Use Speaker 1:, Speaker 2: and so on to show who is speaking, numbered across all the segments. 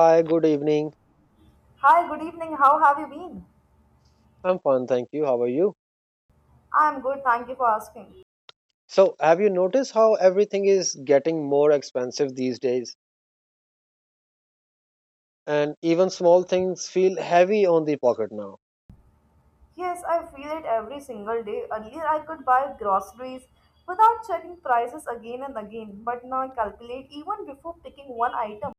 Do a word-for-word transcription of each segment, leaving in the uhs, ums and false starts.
Speaker 1: Hi, good evening.
Speaker 2: Hi, good evening. How have you been?
Speaker 1: I'm fine, thank you. How are you?
Speaker 2: I am good, thank you for asking.
Speaker 1: So, have you noticed how everything is getting more expensive these days? And even small things feel heavy on the pocket now.
Speaker 2: Yes, I feel it every single day. Earlier, I could buy groceries without checking prices again and again, but now I calculate even before picking one item.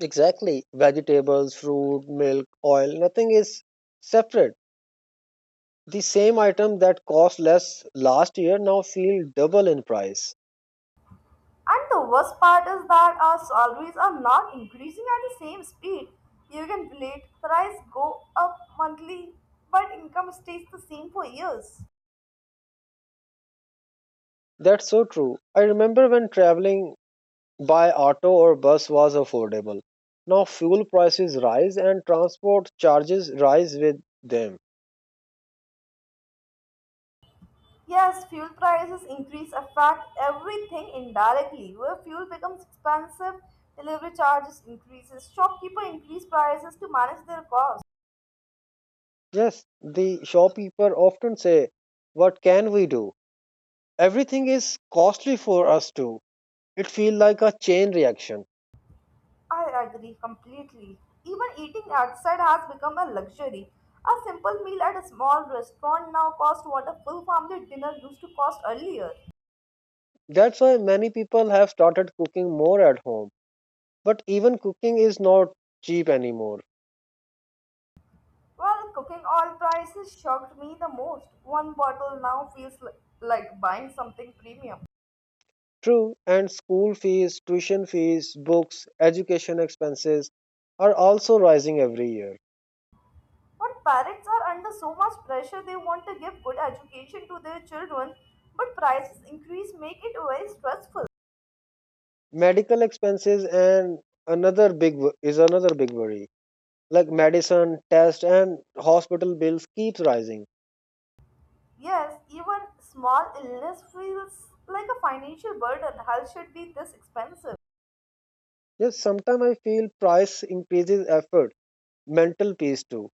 Speaker 1: Exactly. Vegetables, fruit, milk, oil, nothing is separate. The same item that cost less last year now feel double in price.
Speaker 2: And the worst part is that our salaries are not increasing at the same speed. You can relate, price go up monthly, but income stays the same for years.
Speaker 1: That's so true. I remember when traveling by auto or bus was affordable. Now fuel prices rise and transport charges rise with them.
Speaker 2: Yes, fuel prices increase affect everything indirectly. Where fuel becomes expensive, delivery charges increases, shopkeeper increase prices to manage their costs.
Speaker 1: Yes, the shopkeeper often say, "What can we do? Everything is costly for us too." It feels like a chain reaction.
Speaker 2: I agree completely. Even eating outside has become a luxury. A simple meal at a small restaurant now costs what a full family dinner used to cost earlier.
Speaker 1: That's why many people have started cooking more at home. But even cooking is not cheap anymore.
Speaker 2: Well, cooking oil prices shocked me the most. One bottle now feels li- like buying something premium.
Speaker 1: True, and school fees, tuition fees, books, education expenses are also rising every year.
Speaker 2: But parents are under so much pressure they want to give good education to their children, but prices increase make it very stressful.
Speaker 1: Medical expenses and another big wo- is another big worry. Like medicine, test, and hospital bills keeps rising.
Speaker 2: Yes, even small illness feels like a financial burden. Health should be this expensive.
Speaker 1: Yes, sometimes I feel price increases effort, mental peace too.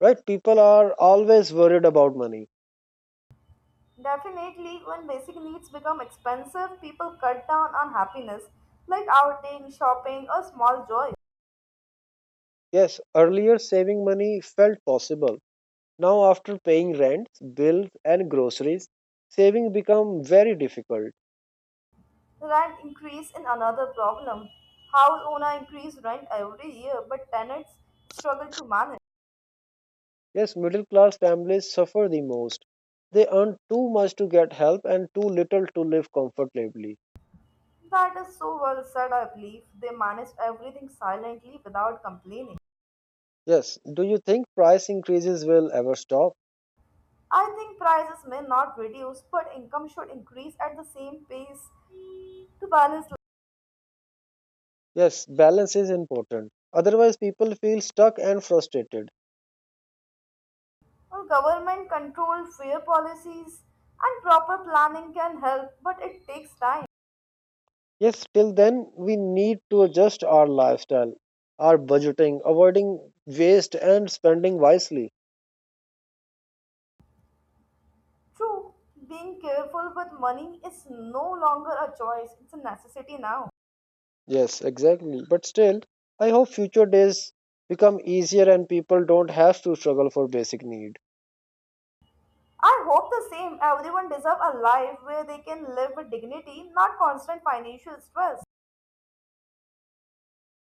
Speaker 1: Right? People are always worried about money.
Speaker 2: Definitely, when basic needs become expensive, people cut down on happiness, like outing, shopping, or small joy.
Speaker 1: Yes, earlier saving money felt possible. Now after paying rents, bills and groceries, saving become very difficult.
Speaker 2: Rent increase in another problem. House owner increase rent every year, but tenants struggle to manage.
Speaker 1: Yes, middle class families suffer the most. They earn too much to get help and too little to live comfortably.
Speaker 2: That is so well said, I believe. They manage everything silently without complaining.
Speaker 1: Yes, do you think price increases will ever stop?
Speaker 2: I think prices may not reduce, but income should increase at the same pace to balance.
Speaker 1: Yes, balance is important. Otherwise people feel stuck and frustrated.
Speaker 2: Well, government control, fair policies, and proper planning can help, but it takes time.
Speaker 1: Yes, till then, we need to adjust our lifestyle, our budgeting, avoiding waste, and spending wisely.
Speaker 2: True, being careful with money is no longer a choice, it's a necessity now.
Speaker 1: Yes, exactly. But still, I hope future days become easier and people don't have to struggle for basic need.
Speaker 2: I hope the same. Everyone deserves a life where they can live with dignity, not constant financial stress.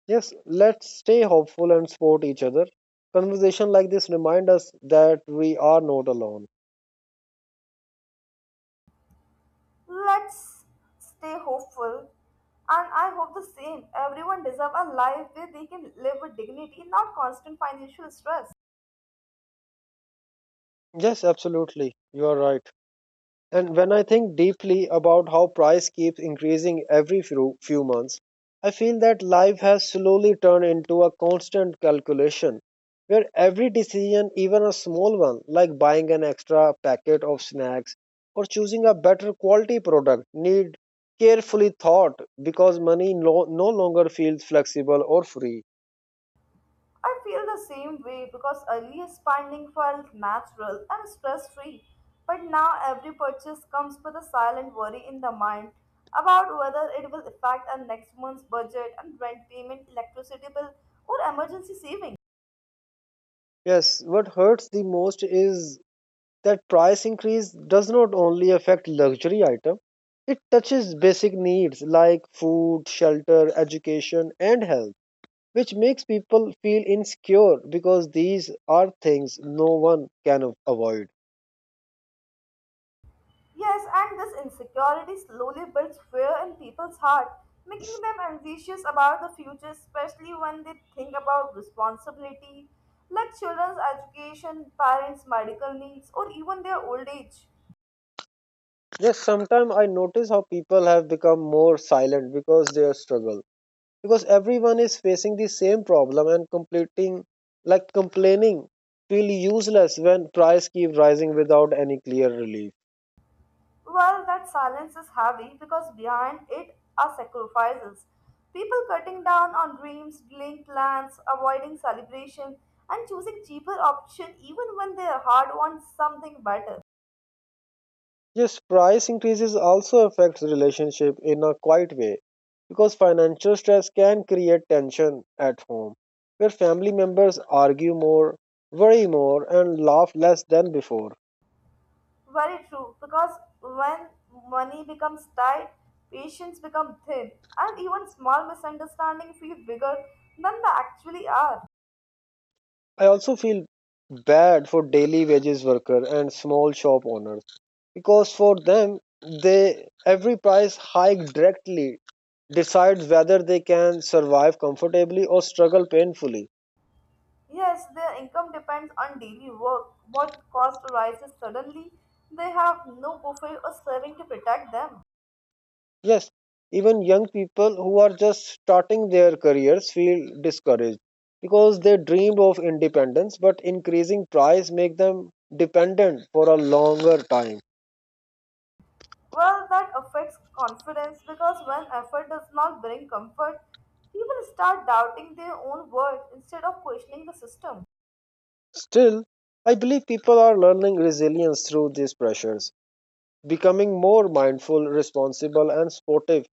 Speaker 1: Yes, let's stay hopeful and support each other. Conversation like this remind us that we are not alone.
Speaker 2: Let's stay hopeful. And I hope the same. Everyone deserves a life where they can live with dignity, not constant financial stress.
Speaker 1: Yes, absolutely. You are right. And when I think deeply about how price keeps increasing every few, few months, I feel that life has slowly turned into a constant calculation where every decision, even a small one like buying an extra packet of snacks or choosing a better quality product, need carefully thought because money no, no longer feels flexible or free.
Speaker 2: I feel the same way because earlier spending felt natural and stress free. But now every purchase comes with a silent worry in the mind about whether it will affect our next month's budget and rent payment, electricity bill, or emergency savings.
Speaker 1: Yes, what hurts the most is that price increase does not only affect luxury item, it touches basic needs like food, shelter, education and health, which makes people feel insecure because these are things no one can a- avoid.
Speaker 2: Yes, and this insecurity slowly builds fear in people's heart, making them anxious about the future, especially when they think about responsibility like children's education, parents' medical needs, or even their old age.
Speaker 1: Yes, sometimes I notice how people have become more silent because they struggle, because everyone is facing the same problem and completing like complaining feel useless when price keep rising without any clear relief.
Speaker 2: Well, that silence is heavy because behind it are sacrifices. People cutting down on dreams, delaying plans, avoiding celebration, and choosing cheaper option even when their heart wants something better.
Speaker 1: Yes, price increases also affects relationship in a quiet way because financial stress can create tension at home where family members argue more, worry more and laugh less than before.
Speaker 2: Very true, because when money becomes tight, patience becomes thin, and even small misunderstandings feel bigger than they actually are.
Speaker 1: I also feel bad for daily wages worker and small shop owners because for them, they every price hike directly decides whether they can survive comfortably or struggle painfully.
Speaker 2: Yes, their income depends on daily work. What cost rises suddenly, they have no buffer or saving to protect them.
Speaker 1: Yes, even young people who are just starting their careers feel discouraged because they dreamed of independence, but increasing price make them dependent for a longer time.
Speaker 2: Well, that affects confidence because when effort does not bring comfort, people start doubting their own worth instead of questioning the system.
Speaker 1: Still, I believe people are learning resilience through these pressures, becoming more mindful, responsible, and supportive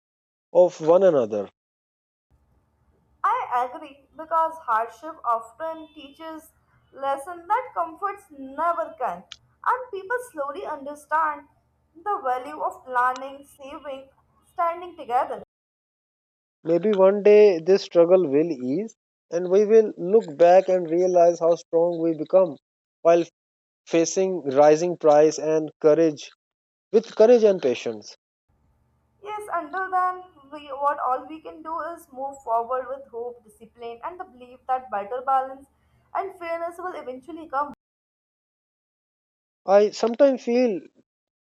Speaker 1: of one another.
Speaker 2: I agree because hardship often teaches lesson that comforts never can and people slowly understand the value of planning, saving, standing together.
Speaker 1: Maybe one day this struggle will ease, and we will look back and realize how strong we become while facing rising price and courage with courage and patience.
Speaker 2: Yes, until then we what all we can do is move forward with hope, discipline and the belief that better balance and fairness will eventually come.
Speaker 1: I sometimes feel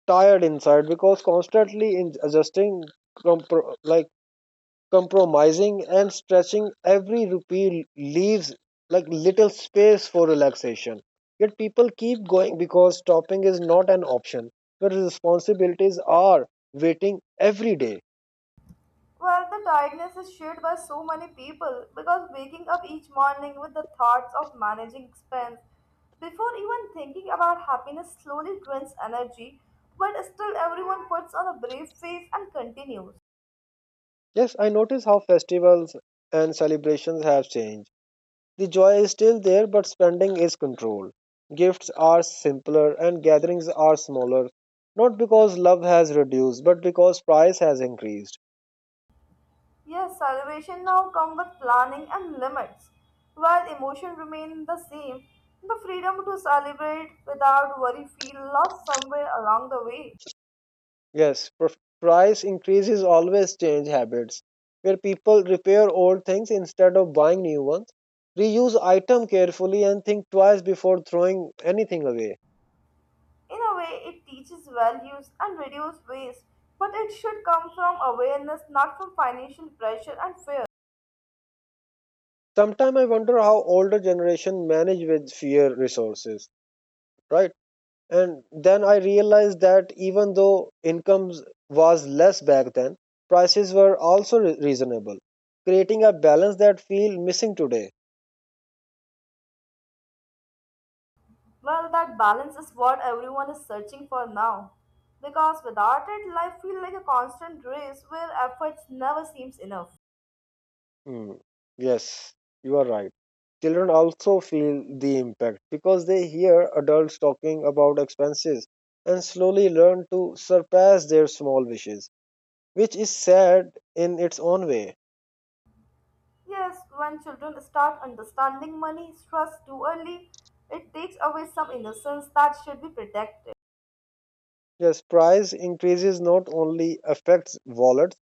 Speaker 1: tired inside because constantly in adjusting, compro- like compromising and stretching every rupee leaves like little space for relaxation. Yet people keep going because stopping is not an option, but responsibilities are waiting every day.
Speaker 2: Well, the tiredness is shared by so many people because waking up each morning with the thoughts of managing expense before even thinking about happiness slowly drains energy, but still everyone puts on a brave face and continues.
Speaker 1: Yes, I notice how festivals and celebrations have changed. The joy is still there, but spending is controlled. Gifts are simpler and gatherings are smaller, not because love has reduced, but because price has increased.
Speaker 2: Yes, celebration now come with planning and limits. While emotion remain the same, the freedom to celebrate without worry feel lost somewhere along the way.
Speaker 1: Yes, pr- price increases always change habits, where people repair old things instead of buying new ones, reuse item carefully and think twice before throwing anything away.
Speaker 2: In a way, it teaches values and reduces waste, but it should come from awareness, not from financial pressure and fear.
Speaker 1: Sometimes I wonder how older generation manage with fewer resources, right? And then I realized that even though income was less back then, prices were also re- reasonable, creating a balance that feel missing today.
Speaker 2: Well, that balance is what everyone is searching for now. Because without it, life feels like a constant race where efforts never seems enough.
Speaker 1: Hmm. Yes, you are right. Children also feel the impact because they hear adults talking about expenses and slowly learn to surpass their small wishes, which is sad in its own way.
Speaker 2: Yes, when children start understanding money stress too early, it takes away some innocence that should be protected.
Speaker 1: Yes, price increases not only affects wallets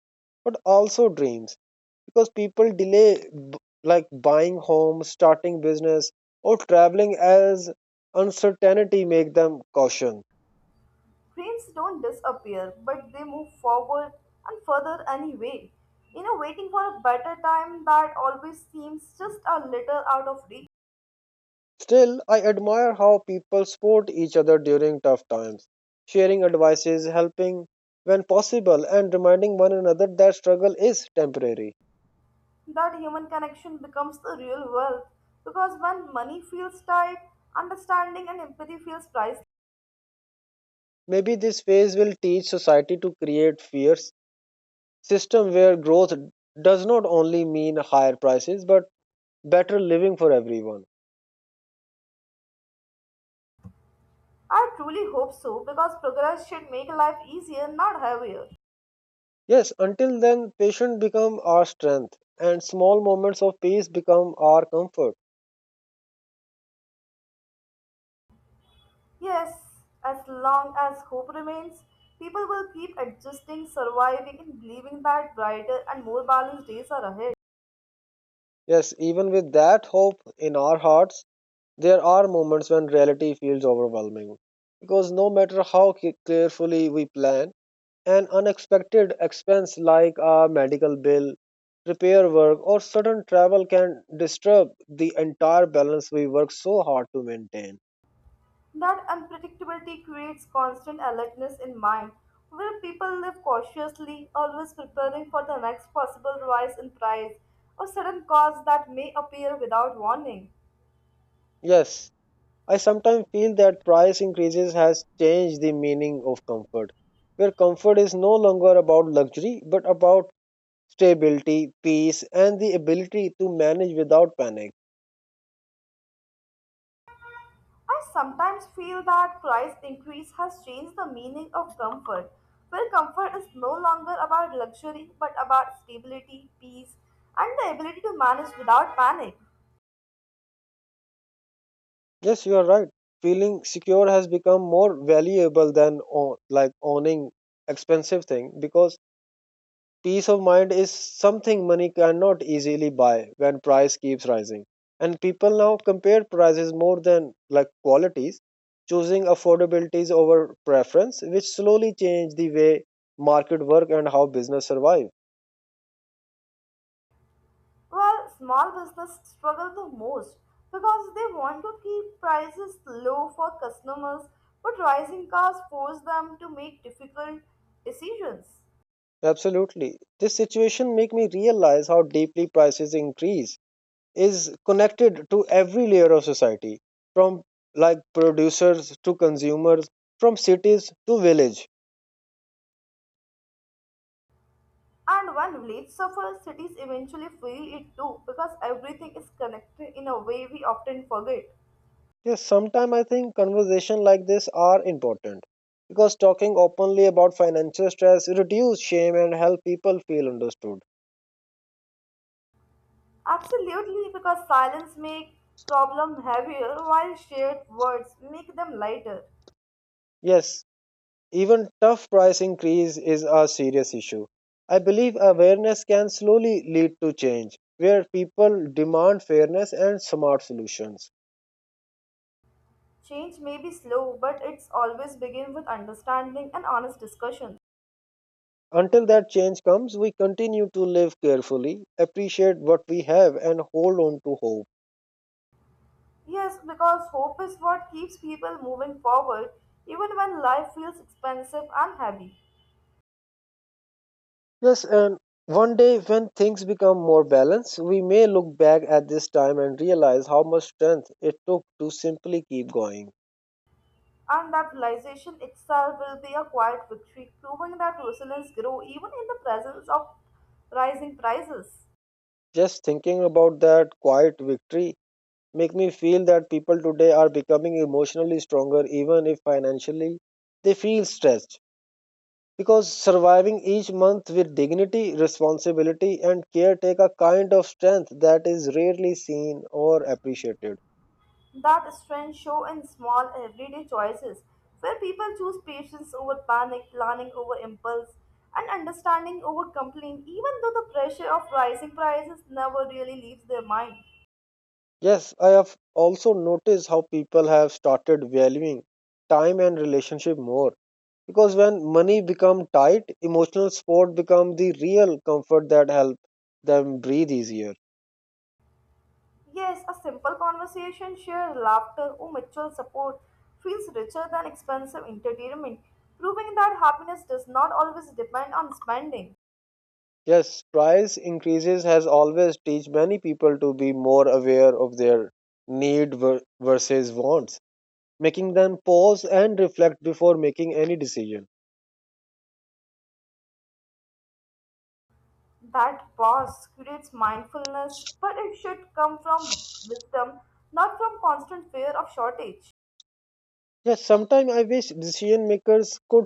Speaker 1: but also dreams, because people delay b- like buying homes, starting business, or traveling as uncertainty make them caution.
Speaker 2: Trains don't disappear, but they move forward and further anyway. You know, waiting for a better time that always seems just a little out of reach.
Speaker 1: Still, I admire how people support each other during tough times, sharing advices, helping when possible, and reminding one another that struggle is temporary.
Speaker 2: That human connection becomes the real wealth because when money feels tight, understanding and empathy feels priceless.
Speaker 1: Maybe this phase will teach society to create fierce system where growth does not only mean higher prices but better living for everyone.
Speaker 2: I truly hope so because progress should make life easier, not heavier.
Speaker 1: Yes, until then, patience become our strength, and small moments of peace become our comfort.
Speaker 2: Yes, as long as hope remains, people will keep adjusting, surviving, and believing that brighter and more balanced days are ahead.
Speaker 1: Yes, even with that hope in our hearts, there are moments when reality feels overwhelming. Because no matter how ca- carefully we plan, an unexpected expense like a medical bill, repair work, or sudden travel can disturb the entire balance we work so hard to maintain.
Speaker 2: That unpredictability creates constant alertness in mind, where people live cautiously, always preparing for the next possible rise in price or sudden cost that may appear without warning.
Speaker 1: Yes, I sometimes feel that price increases has changed the meaning of comfort, where comfort is no longer about luxury but about stability, peace, and the ability to manage without panic.
Speaker 2: I sometimes feel that price increase has changed the meaning of comfort, where comfort is no longer about luxury but about stability, peace, and the ability to manage without panic.
Speaker 1: Yes, you are right. Feeling secure has become more valuable than o- like owning expensive thing, because peace of mind is something money cannot easily buy when price keeps rising. And people now compare prices more than like qualities, choosing affordabilities over preference, which slowly change the way market work and how business survive.
Speaker 2: Well, small business struggle the most because they want to keep prices low for customers, but rising costs force them to make difficult decisions.
Speaker 1: Absolutely. This situation make me realize how deeply prices increase is connected to every layer of society, from like producers to consumers, from cities to village.
Speaker 2: And when village suffer, cities eventually feel it too because everything is connected in a way we often forget.
Speaker 1: Yes, sometimes I think conversation like this are important because talking openly about financial stress reduce shame and help people feel understood.
Speaker 2: Absolutely, because silence make problem heavier while shared words make them lighter.
Speaker 1: Yes, even tough price increase is a serious issue. I believe awareness can slowly lead to change where people demand fairness and smart solutions.
Speaker 2: Change may be slow, but it's always begin with understanding and honest discussion.
Speaker 1: Until that change comes, we continue to live carefully, appreciate what we have and hold on to hope.
Speaker 2: Yes, because hope is what keeps people moving forward even when life feels expensive and heavy.
Speaker 1: Yes, and one day when things become more balanced, we may look back at this time and realize how much strength it took to simply keep going.
Speaker 2: And that realization itself will be a quiet victory, proving that resilience grows even in the presence of rising prices.
Speaker 1: Just thinking about that quiet victory make me feel that people today are becoming emotionally stronger even if financially they feel stressed, because surviving each month with dignity, responsibility and care take a kind of strength that is rarely seen or appreciated.
Speaker 2: That strength show in small everyday choices, where people choose patience over panic, planning over impulse, and understanding over complaint, even though the pressure of rising prices never really leaves their mind.
Speaker 1: Yes, I have also noticed how people have started valuing time and relationship more because when money become tight, emotional support become the real comfort that help them breathe easier.
Speaker 2: Yes, a simple conversation, shared laughter, or mutual support feels richer than expensive entertainment, proving that happiness does not always depend on spending.
Speaker 1: Yes, price increases has always teach many people to be more aware of their need ver- versus wants, making them pause and reflect before making any decision.
Speaker 2: That pause creates mindfulness, but it should come from wisdom, not from constant fear of shortage.
Speaker 1: Yes, sometimes I wish decision makers could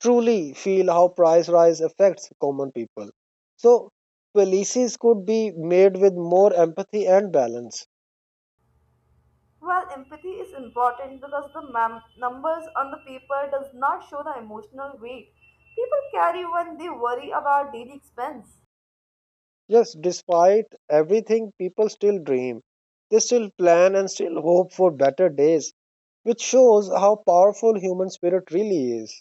Speaker 1: truly feel how price rise affects common people. So, policies could be made with more empathy and balance.
Speaker 2: While empathy is important because the mem- numbers on the paper does not show the emotional weight people carry when they worry about daily expense.
Speaker 1: Yes, despite everything, people still dream. They still plan and still hope for better days, which shows how powerful human spirit really is.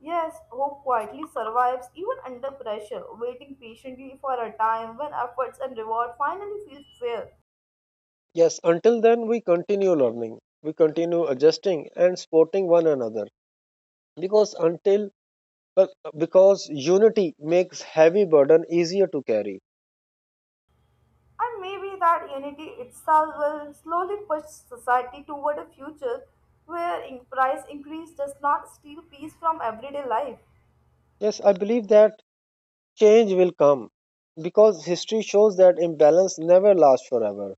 Speaker 2: Yes, hope quietly survives even under pressure, waiting patiently for a time when efforts and reward finally feel fair.
Speaker 1: Yes, until then, we continue learning, we continue adjusting and supporting one another because until but because unity makes heavy burden easier to carry.
Speaker 2: And maybe that unity itself will slowly push society toward a future where in price increase does not steal peace from everyday life.
Speaker 1: Yes, I believe that change will come because history shows that imbalance never lasts forever.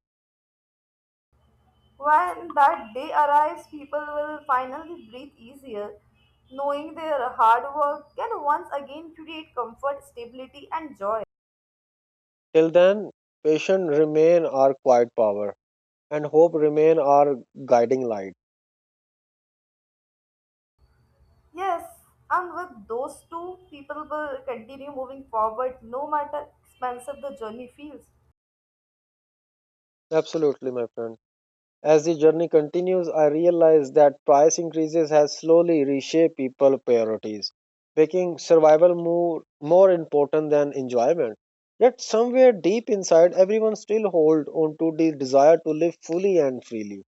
Speaker 2: When that day arrives, people will finally breathe easier, knowing their hard work can once again create comfort, stability, and joy.
Speaker 1: Till then, patience remain our quiet power and hope remain our guiding light.
Speaker 2: Yes, and with those two, people will continue moving forward no matter expensive the journey feels.
Speaker 1: Absolutely, my friend. As the journey continues, I realize that price increases has slowly reshaped people priorities, making survival more, more important than enjoyment. Yet somewhere deep inside, everyone still hold on to the desire to live fully and freely.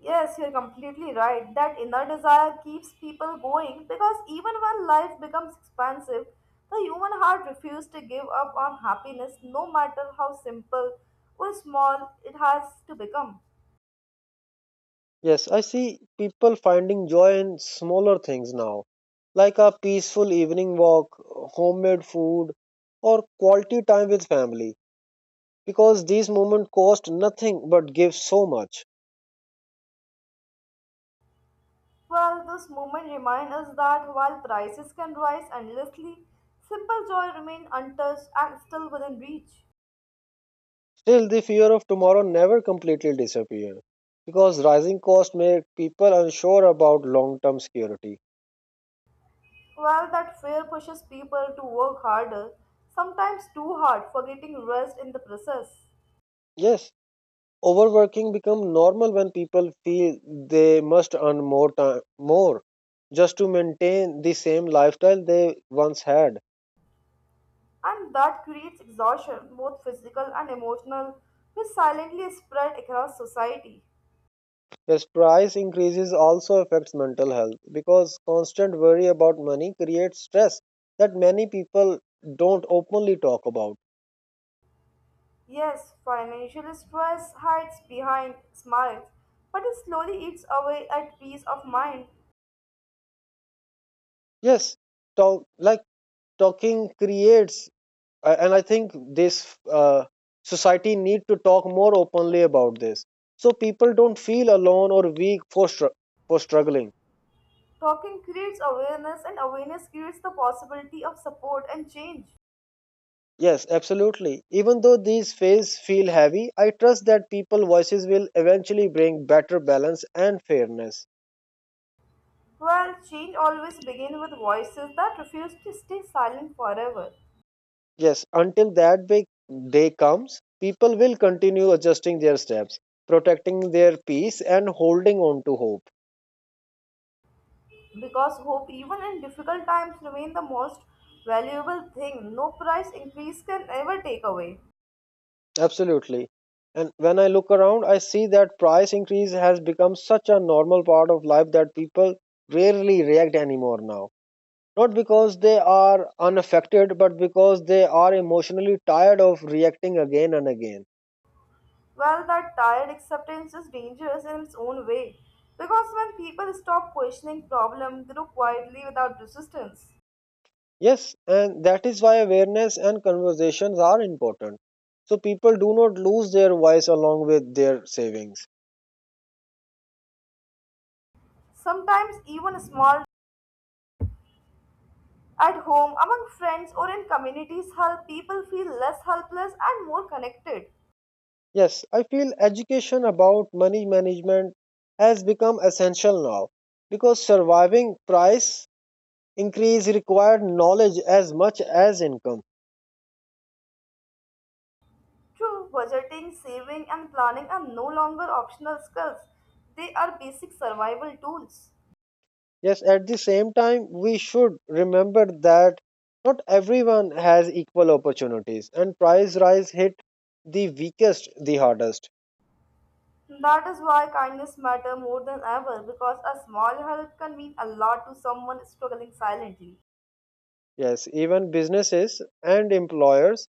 Speaker 2: Yes, you're completely right. That inner desire keeps people going because even when life becomes expensive, the human heart refuses to give up on happiness no matter how simple or small it has to become.
Speaker 1: Yes, I see people finding joy in smaller things now, like a peaceful evening walk, homemade food, or quality time with family, because these moments cost nothing but give so much.
Speaker 2: Well, this moment reminds us that while prices can rise endlessly, simple joy remains untouched and still within reach.
Speaker 1: Still, the fear of tomorrow never completely disappears, because rising costs make people unsure about long term security.
Speaker 2: Well, that fear pushes people to work harder, sometimes too hard, forgetting rest in the process.
Speaker 1: Yes, overworking becomes normal when people feel they must earn more time, more, just to maintain the same lifestyle they once had.
Speaker 2: And that creates exhaustion, both physical and emotional, which silently spread across society.
Speaker 1: Yes, price increases also affects mental health because constant worry about money creates stress that many people don't openly talk about.
Speaker 2: Yes, financial stress hides behind smiles, but it slowly eats away at peace of mind.
Speaker 1: Yes, talk like talking creates, uh, and I think this uh, society need to talk more openly about this so people don't feel alone or weak for str- for struggling.
Speaker 2: Talking creates awareness, and awareness creates the possibility of support and change.
Speaker 1: Yes, absolutely. Even though these phases feel heavy, I trust that people voices will eventually bring better balance and fairness.
Speaker 2: Well, change always begins with voices that refuse to stay silent forever.
Speaker 1: Yes, until that big day comes, people will continue adjusting their steps, protecting their peace, and holding on to hope.
Speaker 2: Because hope even in difficult times remain the most valuable thing no price increase can ever take away.
Speaker 1: Absolutely. And when I look around, I see that price increase has become such a normal part of life that people rarely react anymore now. Not because they are unaffected, but because they are emotionally tired of reacting again and again.
Speaker 2: Well, that tired acceptance is dangerous in its own way because when people stop questioning problem grow quietly without resistance.
Speaker 1: Yes, and that is why awareness and conversations are important. So people do not lose their voice along with their savings.
Speaker 2: Sometimes even small at home among friends or in communities help people feel less helpless and more connected.
Speaker 1: Yes, I feel education about money management has become essential now because surviving price increase required knowledge as much as income.
Speaker 2: True, budgeting saving and planning are no longer optional skills, they are basic survival tools.
Speaker 1: Yes, at the same time, we should remember that not everyone has equal opportunities and price rise hit the weakest the hardest.
Speaker 2: That is why kindness matter more than ever because a small help can mean a lot to someone struggling silently.
Speaker 1: Yes, even businesses and employers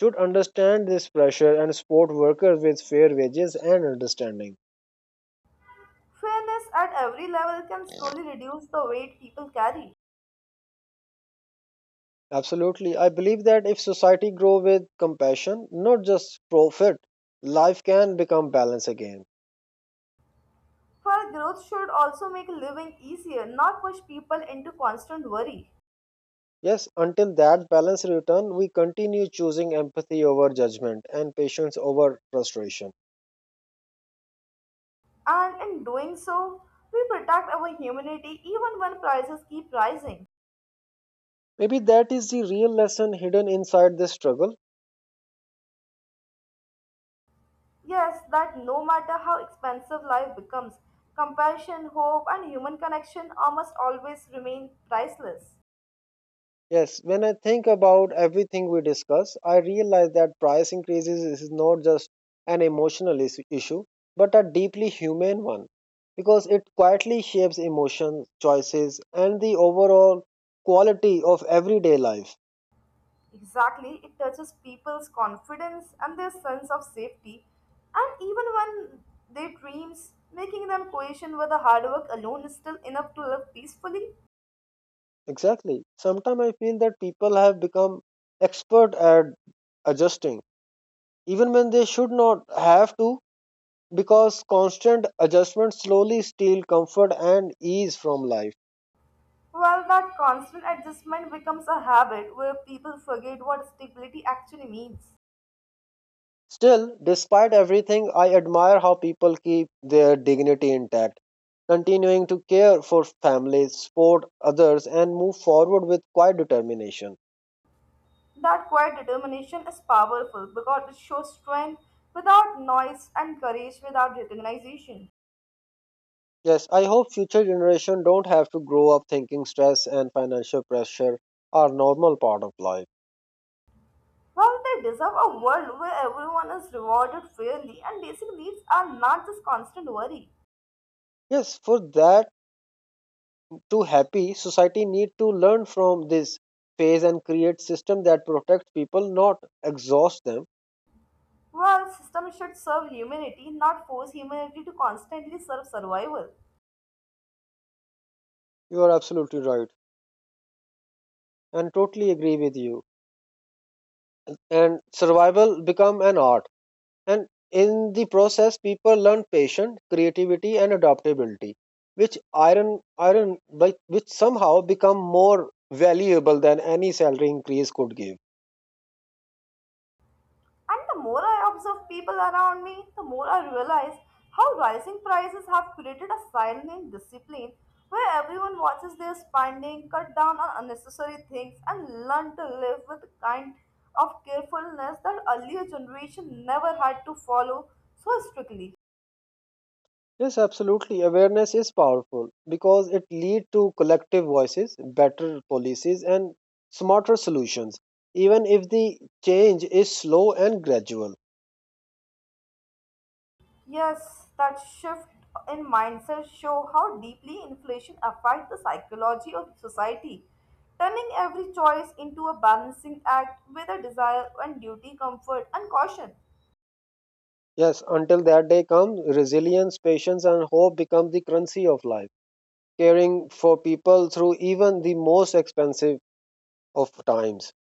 Speaker 1: should understand this pressure and support workers with fair wages and understanding.
Speaker 2: Fairness at every level can slowly reduce the weight people carry.
Speaker 1: Absolutely. I believe that if society grow with compassion, not just profit, life can become balance again.
Speaker 2: For growth should also make living easier, not push people into constant worry.
Speaker 1: Yes, until that balance return, we continue choosing empathy over judgment and patience over frustration.
Speaker 2: And in doing so, we protect our humanity even when prices keep rising.
Speaker 1: Maybe that is the real lesson hidden inside this struggle.
Speaker 2: Yes, that no matter how expensive life becomes, compassion, hope, and human connection are must always remain priceless.
Speaker 1: Yes, when I think about everything we discuss, I realize that price increases is not just an emotional is- issue, but a deeply human one, because it quietly shapes emotions, choices, and the overall quality of everyday life.
Speaker 2: Exactly, it touches people's confidence and their sense of safety, and even when their dreams, making them question whether hard work alone is still enough to live peacefully.
Speaker 1: Exactly. Sometimes I feel that people have become expert at adjusting, even when they should not have to, because constant adjustment slowly steal comfort and ease from life.
Speaker 2: Well, that constant adjustment becomes a habit where people forget what stability actually means.
Speaker 1: Still, despite everything, I admire how people keep their dignity intact, continuing to care for families, support others, and move forward with quiet determination.
Speaker 2: That quiet determination is powerful because it shows strength without noise and courage without recognition.
Speaker 1: Yes, I hope future generations don't have to grow up thinking stress and financial pressure are normal part of life.
Speaker 2: Well, they deserve a world where everyone is rewarded fairly and basic needs are not just constant worry.
Speaker 1: Yes, for that to happy, society need to learn from this phase and create system that protects people, not exhaust them.
Speaker 2: Well, system should serve humanity, not force humanity to constantly serve survival.
Speaker 1: You are absolutely right and totally agree with you. And survival become an art, and in the process people learn patience, creativity, and adaptability, which iron iron like, which somehow become more valuable than any salary increase could give.
Speaker 2: And the more I observe people around me, the more I realize how rising prices have created a silent discipline where everyone watches their spending, cut down on unnecessary things, and learn to live with the kind of carefulness that earlier generation never had to follow so strictly.
Speaker 1: Yes, absolutely, awareness is powerful because it leads to collective voices, better policies, and smarter solutions, even if the change is slow and gradual.
Speaker 2: Yes, that shift in mindset show how deeply inflation affects the psychology of society, turning every choice into a balancing act with a desire and duty, comfort and caution.
Speaker 1: Yes, until that day comes, resilience, patience, and hope become the currency of life, caring for people through even the most expensive of times.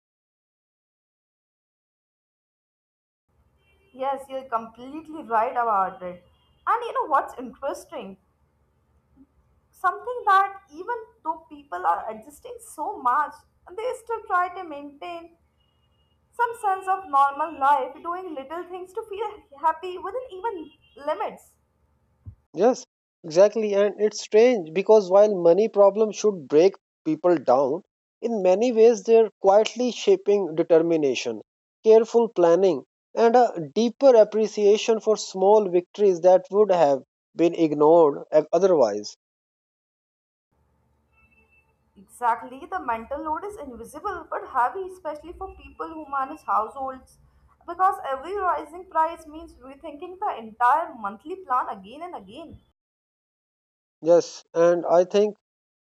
Speaker 2: Yes, you're completely right about it. And you know what's interesting? Something that even though people are adjusting so much, they still try to maintain some sense of normal life, doing little things to feel happy within even limits.
Speaker 1: Yes, exactly. And it's strange because while money problems should break people down, in many ways they're quietly shaping determination, careful planning, and a deeper appreciation for small victories that would have been ignored uh, otherwise.
Speaker 2: Exactly, the mental load is invisible but heavy, especially for people who manage households, because every rising price means rethinking the entire monthly plan again and again.
Speaker 1: Yes, and I think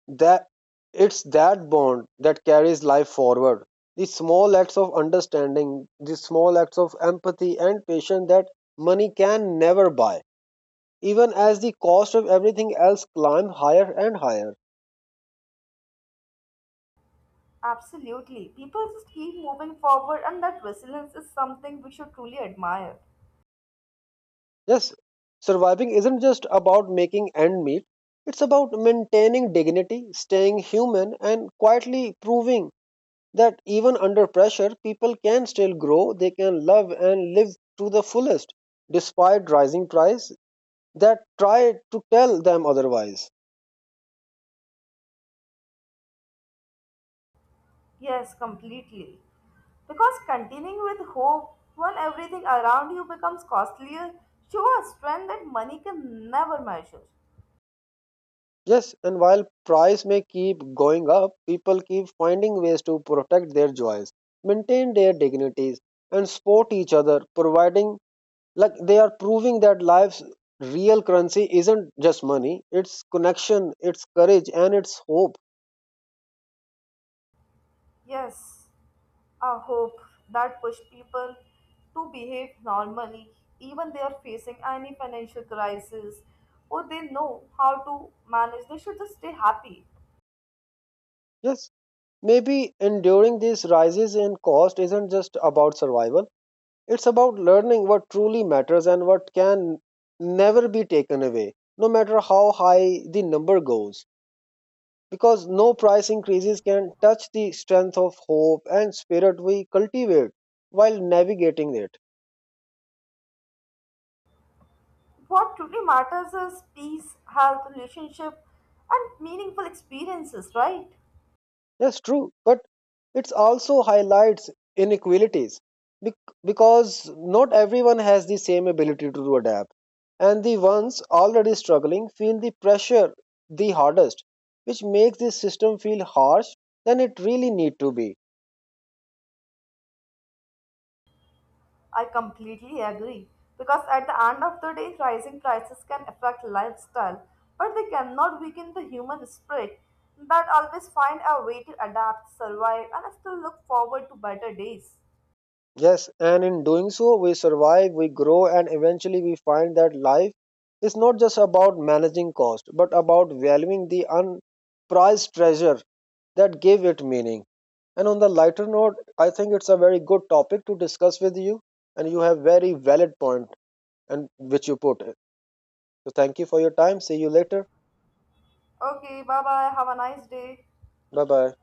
Speaker 1: that it's that bond that carries life forward. The small acts of understanding, the small acts of empathy and patience that money can never buy, even as the cost of everything else climb higher and higher.
Speaker 2: Absolutely, people just keep moving forward, and that resilience is something we should truly admire.
Speaker 1: Yes, surviving isn't just about making end meet, it's about maintaining dignity, staying human, and quietly proving that even under pressure, people can still grow, they can love and live to the fullest, despite rising price that try to tell them otherwise.
Speaker 2: Yes, completely. Because continuing with hope when everything around you becomes costlier shows a strength that money can never measure.
Speaker 1: Yes, and while price may keep going up, people keep finding ways to protect their joys, maintain their dignities, and support each other, providing like they are proving that life's real currency isn't just money, it's connection, it's courage, and it's hope.
Speaker 2: Yes, a hope that pushed people to behave normally, even they are facing any financial crisis or they know how to manage, they should just stay happy.
Speaker 1: Yes, maybe enduring these rises in cost isn't just about survival, it's about learning what truly matters and what can never be taken away, no matter how high the number goes. Because no price increases can touch the strength of hope and spirit we cultivate while navigating it.
Speaker 2: What truly matters is peace, health, relationship, and meaningful experiences, right?
Speaker 1: That's true, but it also highlights inequalities bec- because not everyone has the same ability to adapt, and the ones already struggling feel the pressure the hardest, which makes this system feel harsh than it really need to be.
Speaker 2: I completely agree because at the end of the day, rising prices can affect lifestyle, but they cannot weaken the human spirit that always find a way to adapt, survive, and still look forward to better days.
Speaker 1: Yes, and in doing so, we survive, we grow, and eventually we find that life is not just about managing cost, but about valuing the unprized treasure that gave it meaning. And on the lighter note, I think it's a very good topic to discuss with you, and you have very valid point and which you put. So thank you for your time. See you later.
Speaker 2: Okay, bye bye. Have a nice day.
Speaker 1: Bye bye.